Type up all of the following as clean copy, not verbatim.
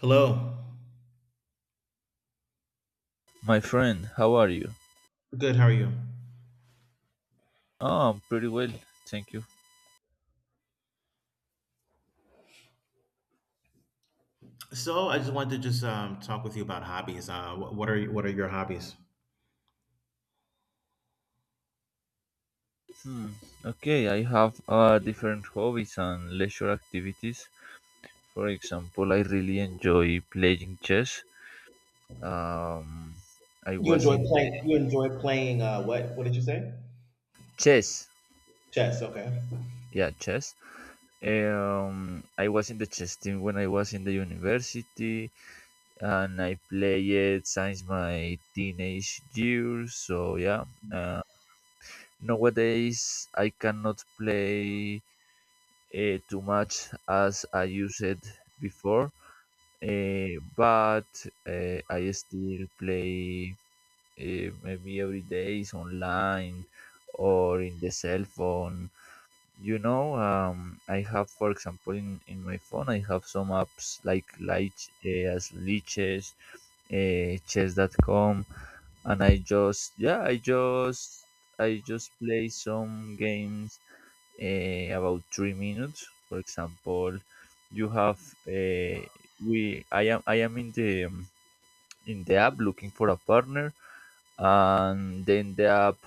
Hello. My friend, how are you? Good. How are you? Oh, I'm pretty well, thank you. So I just wanted to just talk with you about hobbies. What are what are your hobbies? Hmm. Okay, I have different hobbies and leisure activities. For example, I really enjoy playing chess. Um, I You was enjoy in playing. You enjoy playing. What? What did you say? chess. Chess. Okay. Yeah, chess. I was in the chess team when I was in the university, and I played since my teenage years. So yeah. Uh, Nowadays, I cannot play too much as I used it before, but I still play maybe every day is online or in the cell phone. You know, I have, for example, in my phone, I have some apps like Liches, Chess.com, and I just, yeah, I just play some games about 3 minutes. For example, you have uh, we I am in the app looking for a partner, and then the app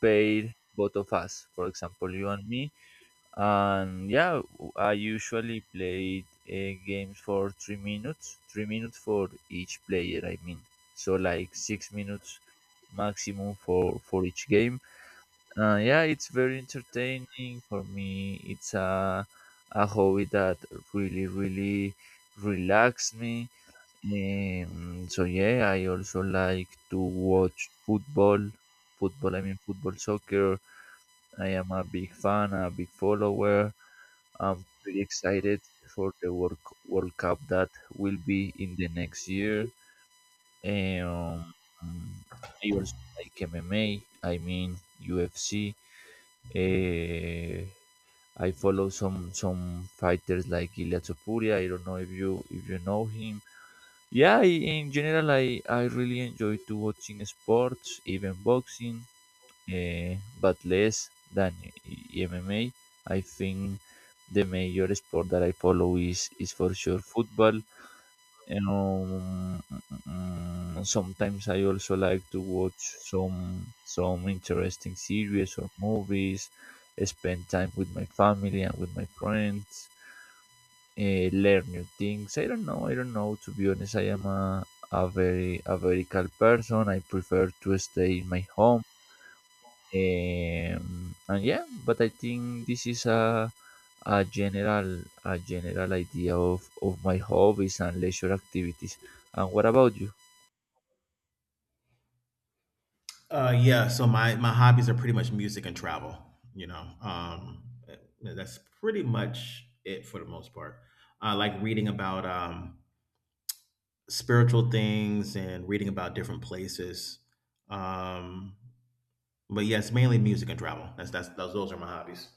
paid both of us. For example, you and me, and yeah, I usually played games for 3 minutes, 3 minutes for each player. I mean, so like 6 minutes maximum for each game. Uh, yeah, it's very entertaining for me. It's a hobby that really, really relaxes me. So yeah, I also like to watch football. Football, I mean football, soccer. I am a big fan, a big follower. I'm pretty excited for the World Cup that will be in the next year. Um, I also like MMA. I mean UFC. Uh, I follow some fighters like Ilia Topuria. I don't know if you know him. Yeah, I, in general, I really enjoy to watching sports, even boxing, but less than MMA. I think the major sport that I follow is for sure football, you know. Sometimes I also like to watch some interesting series or movies, spend time with my family and with my friends, learn new things. I don't know, to be honest. I am a very calm person. I prefer to stay in my home. And yeah, but I think this is a general idea of my hobbies and leisure activities. And what about you? Yeah. So my hobbies are pretty much music and travel. You know, eh, that's pretty much it for the most part. I like reading about spiritual things and reading about different places. Um, but yes, mainly music and travel. That's those are my hobbies.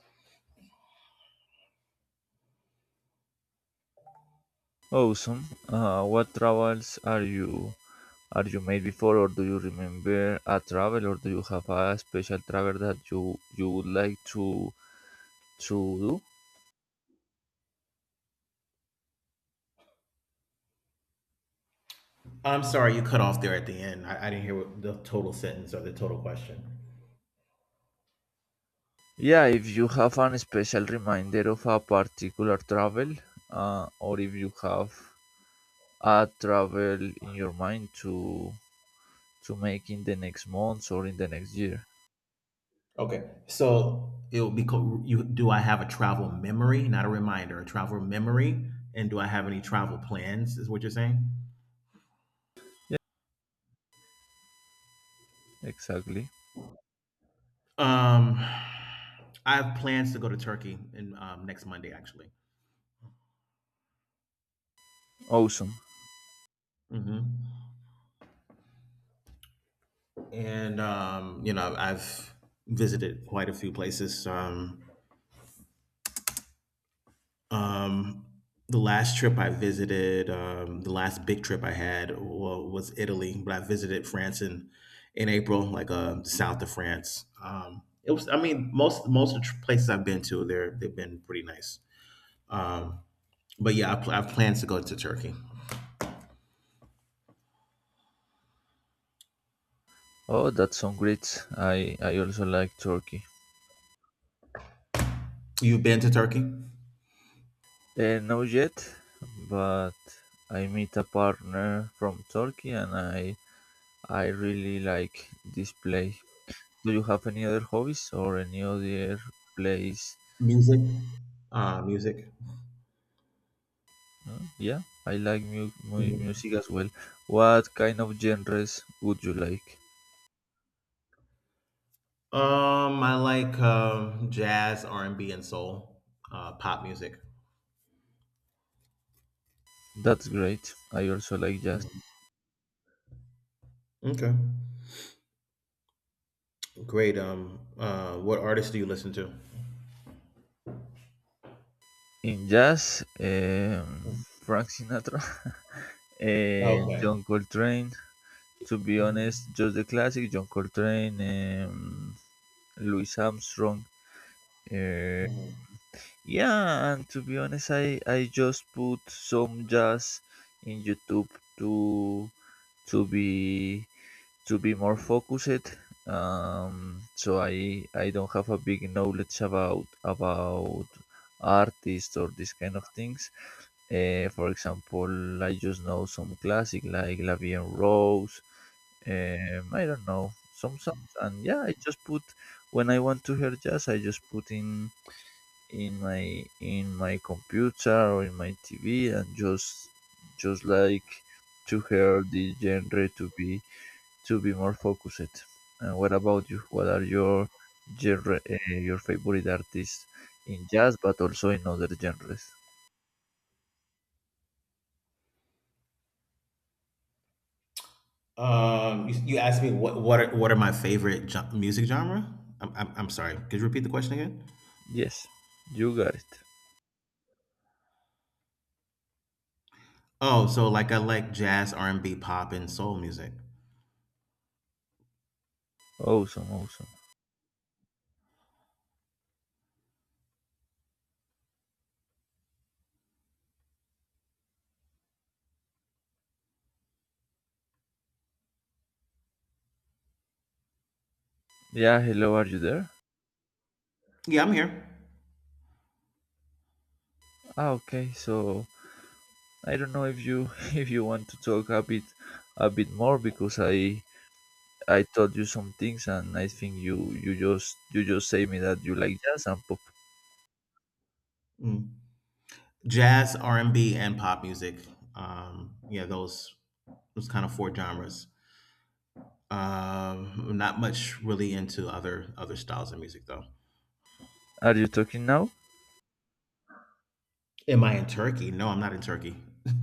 Awesome. What travels are you made before, or do you remember a travel, or do you have a special travel that you would like to do? I'm sorry, you cut off there at the end. I didn't hear what the total sentence or the total question. Yeah, if you have an special reminder of a particular travel, or if you have travel in your mind to make in the next months or in the next year. Okay, so it'll be you. Do I have a travel memory, not a reminder, a travel memory, and do I have any travel plans? Is what you're saying? Yeah, exactly. Um, I have plans to go to Turkey in next Monday, actually. Awesome. hmm And you know, I've visited quite a few places. Um, the last trip I visited, the last big trip I had was Italy, but I visited France in April, like the south of France. It was, I mean, most of the places I've been to, they've been pretty nice. Um, but yeah, I have plans to go to Turkey. Oh, that sounds great. I also like Turkey. You've been to Turkey? Not yet, but I meet a partner from Turkey, and I really like this place. Do you have any other hobbies or any other place? Music, music. Hmm. Yeah, I like Mhm. music as well. What kind of genres would you like? I like jazz, R and B, and soul, pop music. That's great. I also like jazz. Mhm. Okay. Great. What artists do you listen to? In jazz, Mm. Frank Sinatra, Okay. John Coltrane. To be honest, Mhm. just the classic John Coltrane, um, Louis Armstrong. eh, Mhm. yeah, and to be honest, I just put some jazz in YouTube to to be to be more focused. So I don't have a big knowledge about artists or these kind of things. For example, I just know some classic like La Vie en Rose. I don't know some songs, and yeah, I just put when I want to hear jazz, I just put in in my computer or in my TV and just like to hear the genre to be more focused. And what about you? What are your genre, your favorite artists in jazz, but also in other genres? You asked me what are what are my favorite music genre? I'm I'm sorry. Could you repeat the question again? Yes, you got it. Oh, so like I like jazz, R and B, pop, and soul music. Awesome, awesome. Yeah, hello, are you there? Yeah, I'm here. Ah, okay. So I don't know if you if you want to talk a bit more because I taught you some things and I think you just say me that you like jazz and pop. Mm. Jazz, R and B, and pop music. Yeah, those kind of four genres. Not much really into other styles of music though. Are you talking now? Am I in Turkey? No, I'm not in Turkey.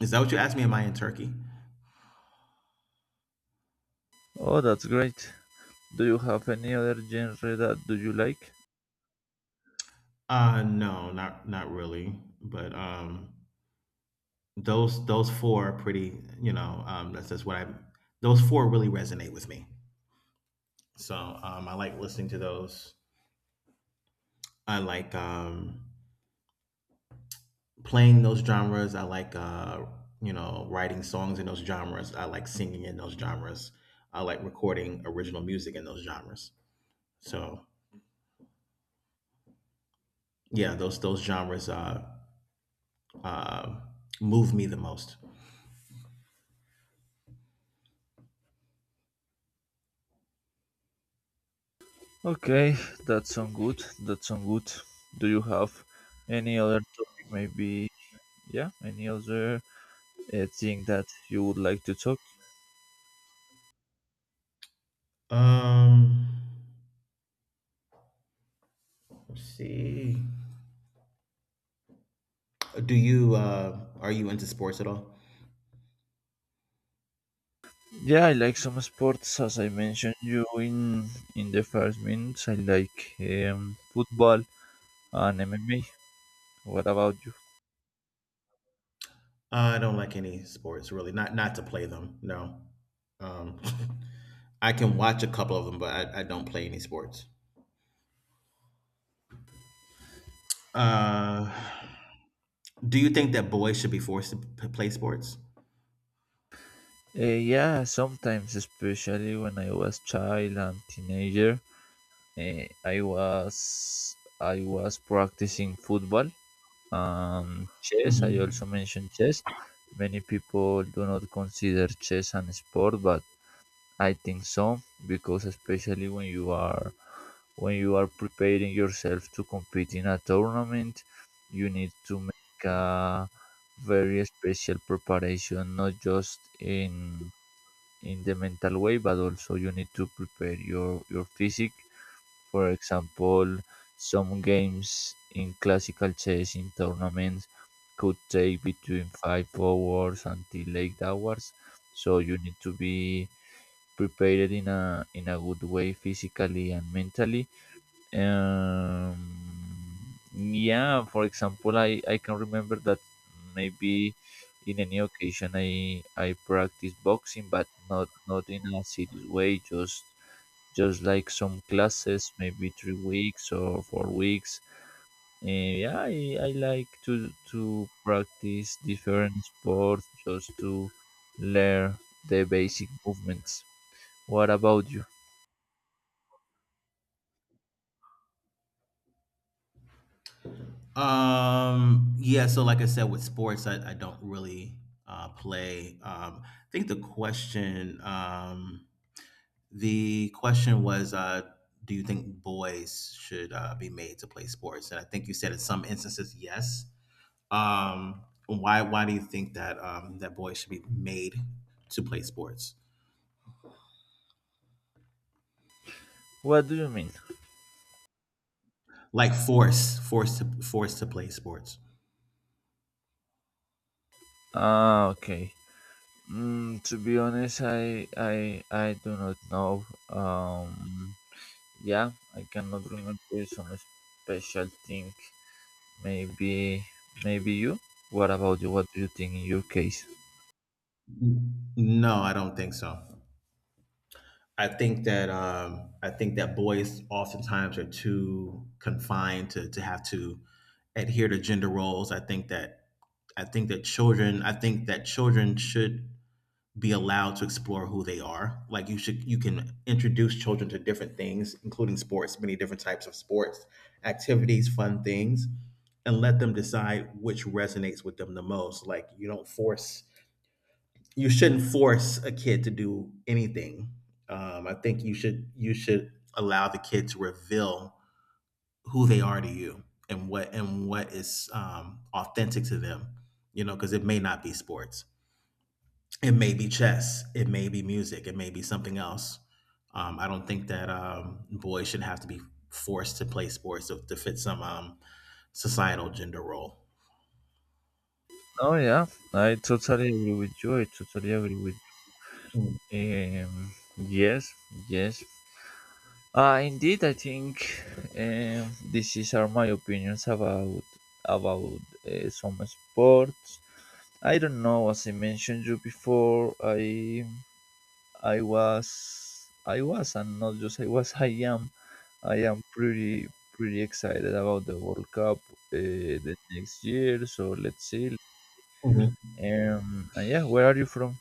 Is that what you asked me? Am I in Turkey? Oh, that's great. Do you have any other genre that do you like? No, not really. But those four are pretty. You know, that's what I. Those four really resonate with me. So I like listening to those. I like playing those genres. I like you know writing songs in those genres. I like singing in those genres. I like recording original music in those genres. So yeah, those genres uh, move me the most. Okay, that sounds good. That sounds good. Do you have any other topic? Maybe, yeah, any other thing that you would like to talk? Um, See, do you are you into sports at all? Yeah, I like some sports, as I mentioned you in the first minutes. I like football and MMA. What about you? I don't like any sports really. Not to play them. No. Um, I can watch a couple of them, but I don't play any sports. uh, Do you think that boys should be forced to play sports? Yeah, sometimes, especially when I was child and teenager, uh, I was I was practicing football. Chess, I Mhm. also mentioned chess. Many people do not consider chess an sport, but I think so because especially when you are preparing yourself to compete in a tournament, you need to make a very special preparation, not just in the mental way, but also you need to prepare your physique. For example, some games in classical chess in tournaments could take between 5 hours until 8 hours, so you need to be prepared in a good way physically and mentally. Um, yeah, for example, I can remember that maybe in any occasion I practice boxing, but not not in a serious way, just like some classes, maybe 3 weeks or 4 weeks. And yeah, I like to practice different sports just to learn the basic movements. What about you? Yeah, so like I said, with sports, I don't really play. I think the question the question was, do you think boys should be made to play sports? And I think you said in some instances, yes. Why? Why do you think that that boys should be made to play sports? What do you mean? Like force, force to force to play sports? Ah, okay. Mm, to be honest, I do not know. Yeah, I cannot remember some special thing. Maybe maybe you. What about you? What do you think in your case? No, I don't think so. I think that boys oftentimes are too confined to have to adhere to gender roles. I think that children I think that children should be allowed to explore who they are. Like you should, you can introduce children to different things, including sports, many different types of sports, activities, fun things, and let them decide which resonates with them the most. Like you don't force, you shouldn't force a kid to do anything. I think you should allow the kid to reveal who they are to you and what is authentic to them. You know, because it may not be sports, it may be chess. It may be music. It may be something else. I don't think that boys should have to be forced to play sports to fit some societal gender role. Oh yeah, I totally agree with you. I totally agree with Mhm. um yes, yes. Indeed, I think this is are my opinions about some sports. I don't know, as I mentioned you before, I was I was and not just I was I am pretty pretty excited about the World Cup the next year. So let's see. Mhm. And yeah, where are you from?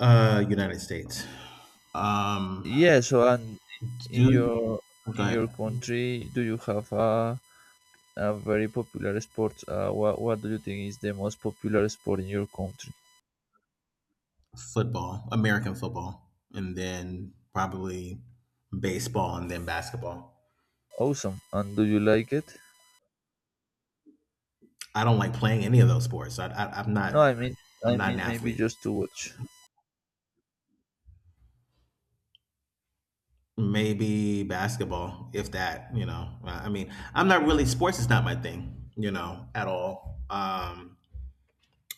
United States. Um, Yeah, so and in do your go ahead. country, do you have a very popular sport? What do you think is the most popular sport in your country? Football, American football, and then probably baseball, and then basketball. Awesome. And do you like it? I don't like playing any of those sports. I'm No, not. I'm I not an mean maybe athlete. just to watch. Maybe basketball, if that, you know. I mean, I'm not really sports is not my thing, you know, at all.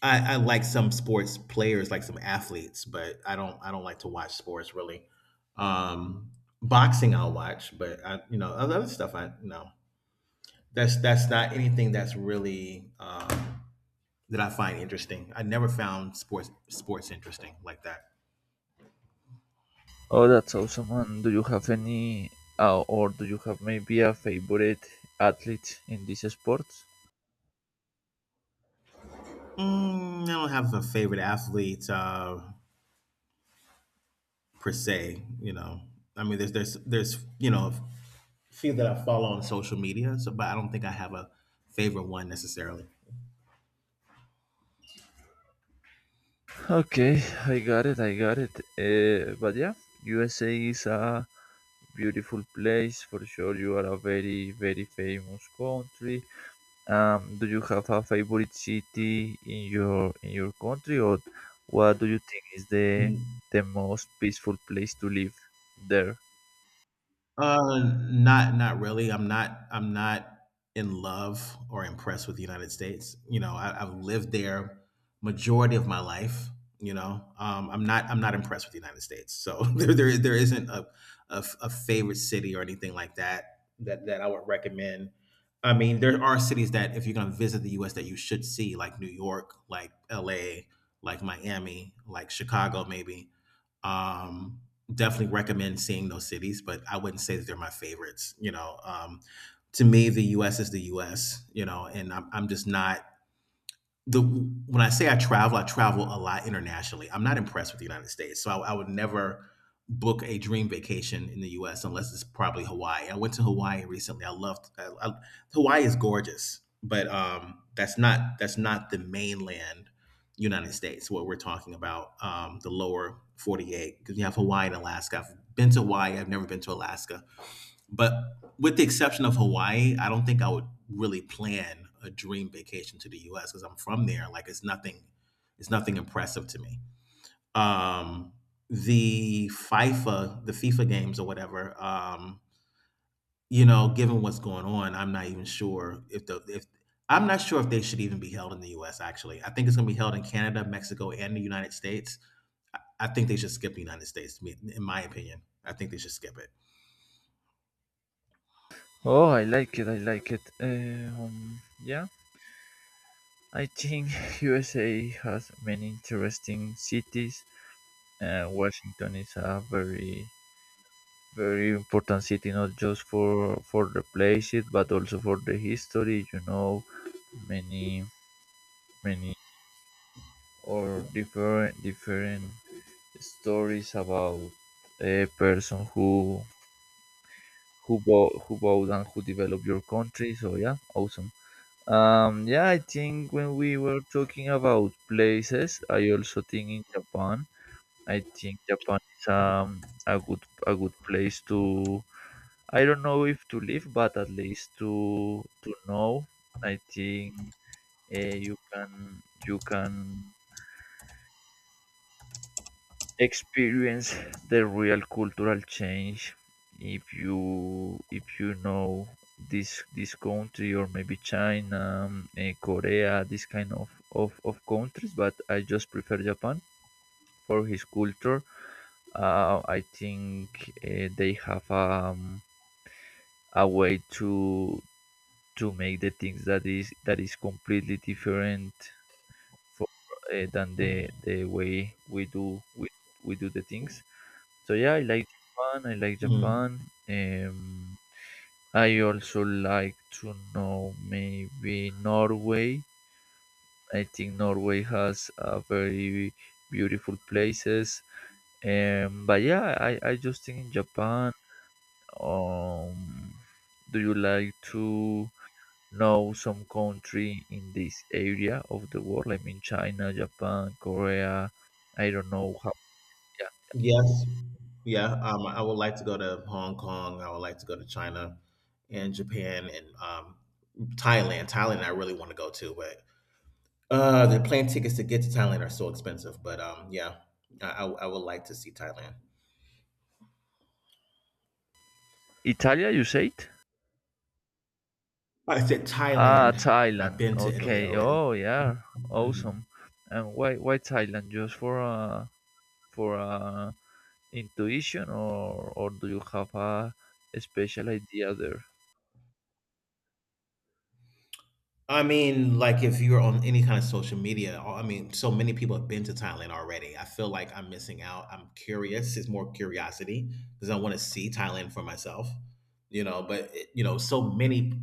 I like some sports players, like some athletes, but I don't like to watch sports really. Um boxing I'll watch, but I you know, other stuff I no. That's not anything that's really that I find interesting. I never found sports interesting like that. Oh, that's awesome. And do you have any or do you have maybe a favorite athlete in this sport? Mm, I don't have a favorite athlete. Per se. You know, I mean, there's you know a few that I follow on social media. So, but I don't think I have a favorite one necessarily. Okay, I got it, I got it. But yeah, USA is a beautiful place for sure. You are a very, very famous country. Do you have a favorite city in your country, or what do you think is the most peaceful place to live there? Not really. I'm not in love or impressed with the United States. You know, I've lived there majority of my life. You know, I'm not impressed with the United States. So there isn't a, a favorite city or anything like that that that I would recommend. I mean, there are cities that if you're going to visit the U.S. that you should see, like New York, like L.A., like Miami, like Chicago, maybe. Um, definitely recommend seeing those cities, but I wouldn't say that they're my favorites. You know, to me, the U.S. is the U.S. You know, and I'm just not the when I say I travel a lot internationally. I'm not impressed with the United States, so I would never book a dream vacation in the U.S. unless it's probably Hawaii. I went to Hawaii recently. I loved I, Hawaii is gorgeous, but that's not the mainland United States. What we're talking about, the lower 48, because you have Hawaii and Alaska. I've been to Hawaii. I've never been to Alaska. But with the exception of Hawaii, I don't think I would really plan a dream vacation to the U.S. because I'm from there. Like it's nothing impressive to me. Um, the FIFA games or whatever. You know, given what's going on, I'm not even sure if the if I'm not sure if they should even be held in the U.S. Actually, I think it's going to be held in Canada, Mexico, and the United States. I think they should skip the United States. In my opinion, I think they should skip it. Oh, I like it, I like it. Yeah, I think USA has many interesting cities. Washington is a very very important city not just for the places but also for the history, you know, many many or different different stories about a person who who bought and who developed your country. So yeah, awesome. Yeah, I think when we were talking about places I also think in Japan. I think Japan is a good place to, I don't know if to live, but at least to know. I think you can experience the real cultural change if you know this country or maybe China, Korea, this kind of, of countries. But I just prefer Japan for his culture. I think they have a way to make the things that is completely different for, than the way we do the things. So yeah, I like Japan, I like Mhm. Japan. um I also like to know maybe Norway. I think Norway has a very beautiful places. But yeah, I just think in Japan. um do you like to know some country in this area of the world, I mean China, Japan, Korea, I don't know how. Yeah. Yes, yeah, I would like to go to Hong Kong. I would like to go to China and Japan and Thailand. Thailand, I really want to go to, but the plane tickets to get to Thailand are so expensive. But yeah, I would like to see Thailand. Italia, you said? I said Ah, Thailand. Thailand. I've been to Italy Okay. already. Oh, yeah. Awesome. And why Thailand? Just for for uh intuition, or do you have a special idea there? I mean, like if you're on any kind of social media, I mean, so many people have been to Thailand already. I feel like I'm missing out. I'm curious. It's more curiosity because I want to see Thailand for myself, you know. But it, you know, so many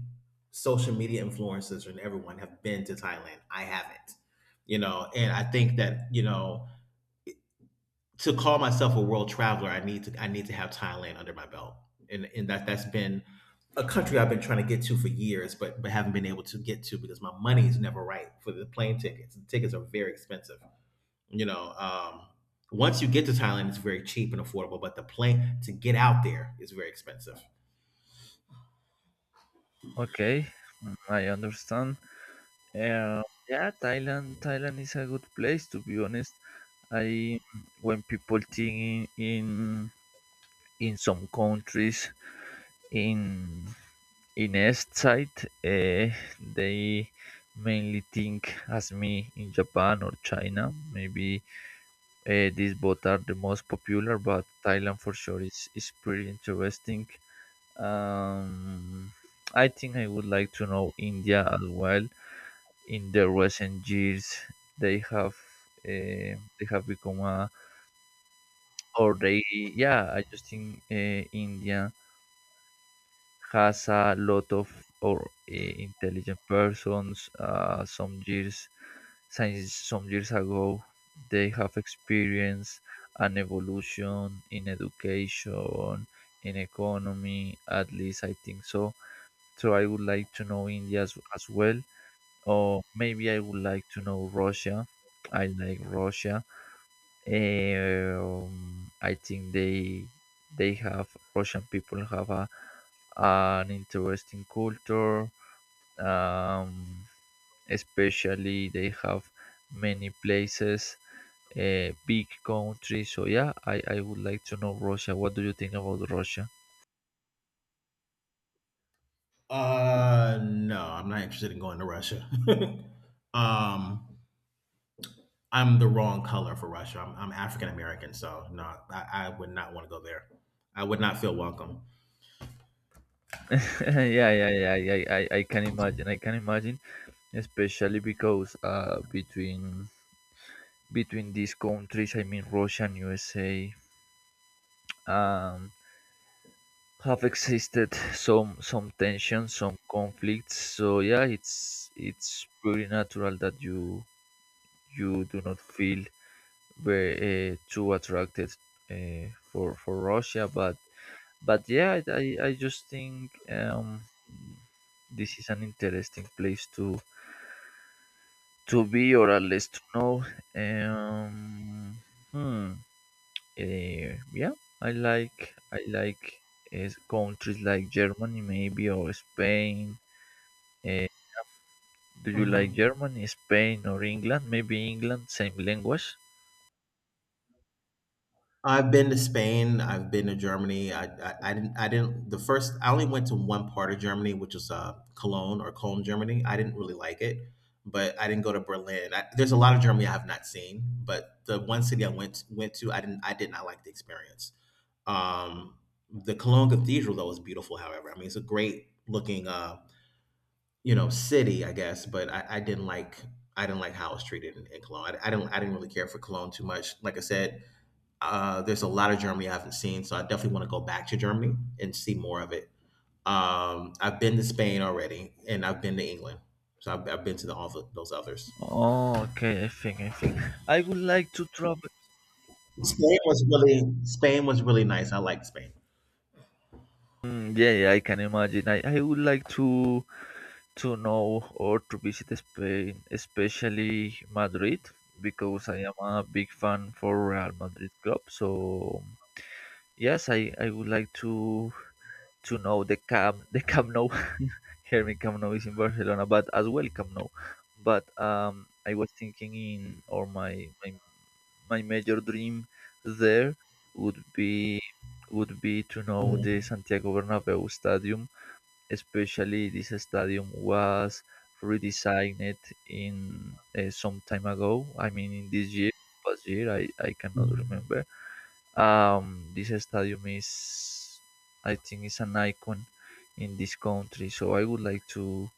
social media influencers and everyone have been to Thailand. I haven't, you know, and I think that you know to call myself a world traveler, I need to have Thailand under my belt, and that's been a country I've been trying to get to for years, but haven't been able to get to because my money is never right for the plane tickets. The tickets are very expensive. You know, once you get to Thailand, it's very cheap and affordable, but the plane to get out there is very expensive. Okay. Mm, I understand. Um, yeah, Thailand. Thailand is a good place, to be honest. I, when people think in some countries in East side, eh, they mainly think as me in Japan or China. Maybe these both are the most popular, but Thailand for sure is pretty interesting. Um, I think I would like to know India as well. In the recent years, they have uh, become a, or they, yeah, I just think India has a lot of, or intelligent persons. Some years since some years ago they have experienced an evolution in education in economy, at least I think so. So I would like to know india as well, or maybe I would like to know Russia. I like Russia. I think they have Russian people have a, an interesting culture. Um, especially they have many places, big country. So yeah, I would like to know Russia. What do you think about Russia? No, I'm not interested in going to Russia. um, I'm the wrong color for Russia. I'm African American, so no, I would not want to go there. I would not feel welcome. Yeah, yeah, yeah, yeah. I can imagine. I can imagine, especially because between these countries, I mean Russia and USA, um, have existed some tensions, some conflicts. So yeah, it's pretty natural that you do not feel very too attracted uh, for Russia, but but yeah, I just think this is an interesting place to be, or at least to know. Um, hmm. Yeah, I like countries like Germany maybe, or Spain. Uh, do you like hmm Germany, Spain, or England? Maybe England, same language. I've been to Spain. I've been to Germany. I didn't. The first. I only went to one part of Germany, which was Cologne or Cologne, Germany. I didn't really like it, but I didn't go to Berlin. I, there's a lot of Germany I have not seen, but the one city I went to, I didn't. I did not like the experience. Um, the Cologne Cathedral though was beautiful. However, I mean, it's a great looking. You know, city, I guess, but I didn't like how I was treated in Cologne. I didn't really care for Cologne too much. Like I said, there's a lot of Germany I haven't seen, so I definitely want to go back to Germany and see more of it. I've been to Spain already, and I've been to England, so I've been to the, all of those others. Oh, okay. I think I would like to travel. Spain was really nice. I liked Spain. Mm, yeah, yeah, I can imagine. I would like to know or to visit Spain, especially Madrid, because I am a big fan for Real Madrid club. So yes, I would like to know the Camp the Camp Nou. Here me Camp Nou is in Barcelona, but as well Camp Nou. But I was thinking in or my major dream there would be would be to know the Mm. Santiago Bernabeu Stadium, especially this stadium was redesigned in some time ago. I mean, in this year, past year, I cannot remember. This stadium is, I think, is an icon in this country. So I would like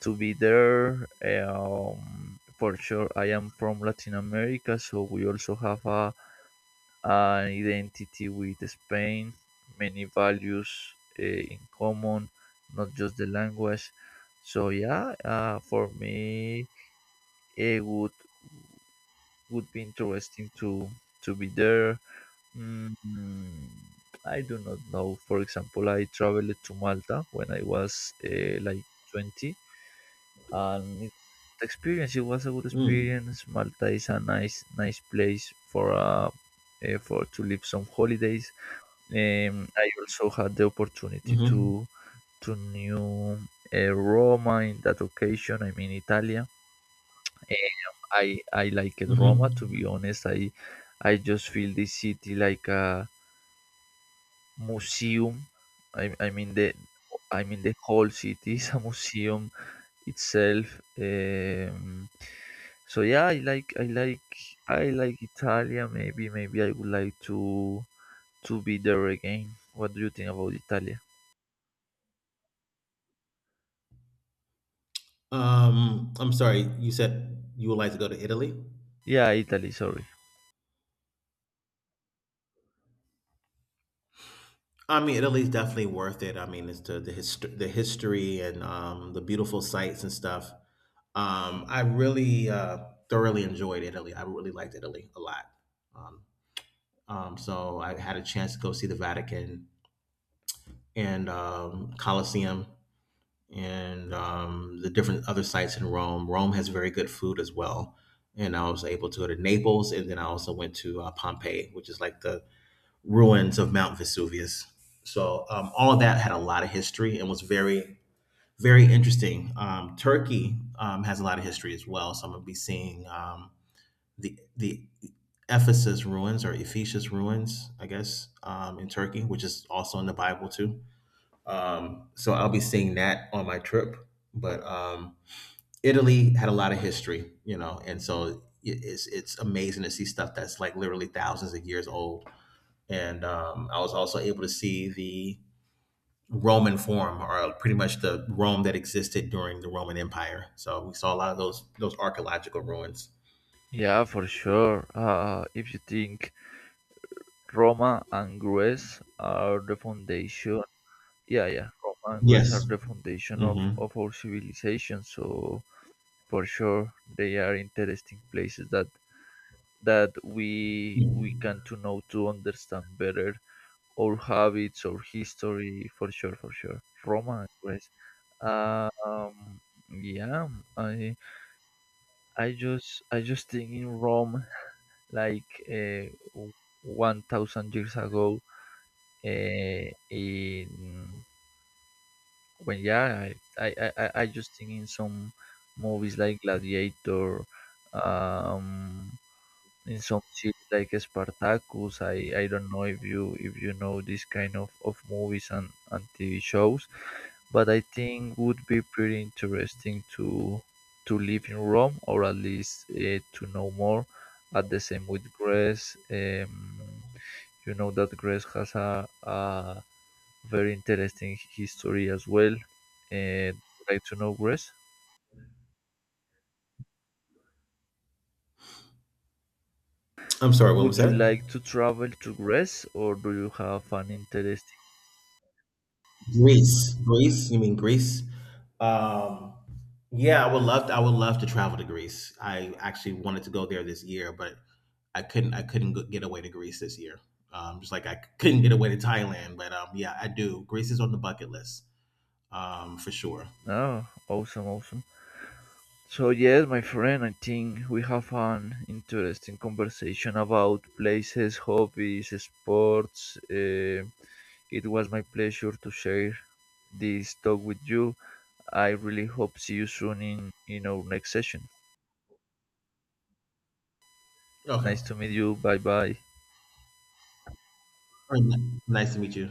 to be there. For sure, I am from Latin America, so we also have a, an identity with Spain, many values in common, not just the language. So yeah, for me, it would be interesting to be there. Mm, I do not know. For example, I traveled to Malta when I was like 20, and it, the experience it was a good Mm. experience. Malta is a nice place for to live some holidays. I also had the opportunity Hmm. To new Roma in that occasion. I mean, Italia. I liked Hmm. Roma. To be honest, I just feel this city like a museum. I mean the I mean the whole city is a museum itself. So yeah, I like Italia. Maybe I would like to be there again. What do you think about Italia? I'm sorry. You said you would like to go to Italy? Yeah, Italy. Sorry. I mean, Italy's definitely worth it. I mean, it's the history and the beautiful sights and stuff. I really thoroughly enjoyed Italy. I really liked Italy a lot. Um, so I had a chance to go see the Vatican and Colosseum and the different other sites in Rome. Rome has very good food as well. And I was able to go to Naples, and then I also went to Pompeii, which is like the ruins of Mount Vesuvius. So all that had a lot of history and was very, very interesting. Turkey has a lot of history as well. So I'm gonna be seeing the Ephesus ruins or Ephesus ruins, I guess, in Turkey, which is also in the Bible too. So I'll be seeing that on my trip. But Italy had a lot of history, you know, and so it's amazing to see stuff that's like literally thousands of years old and I was also able to see the Roman Forum, or pretty much the Rome that existed during the Roman Empire. So we saw a lot of those archaeological ruins. Yeah, for sure. If you think Roma and Greece are the foundation, yeah, yeah, Roma and Yes. Greece are the foundation of Mm-hmm. of our civilization. So for sure they are interesting places that that we can to know to understand better our habits our history for sure roma Greece. um yeah i i just think in rome like 1000 years ago in when yeah I just think in some movies like gladiator, um in some series like Spartacus. I don't know if you know this kind of movies and TV shows, but I think would be pretty interesting to live in Rome, or at least to know more. At the same with Greece, you know that Greece has a very interesting history as well. Uh, like to know Greece. I'm sorry. What was Would you that? like to travel to Greece, or do you have an interesting? Greece. Greece? You mean Greece? Um, yeah, I would love. To, I would love to travel to Greece. I actually wanted to go there this year, but I couldn't. I couldn't get away to Greece this year. Just like I couldn't get away to Thailand, but yeah, I do. Greece is on the bucket list for sure. Oh, awesome, awesome. So yes, my friend, I think we have an interesting conversation about places, hobbies, sports. It was my pleasure to share this talk with you. I really hope see you soon in our next session. Okay. Nice to All meet you. Bye bye. right, nice to meet you.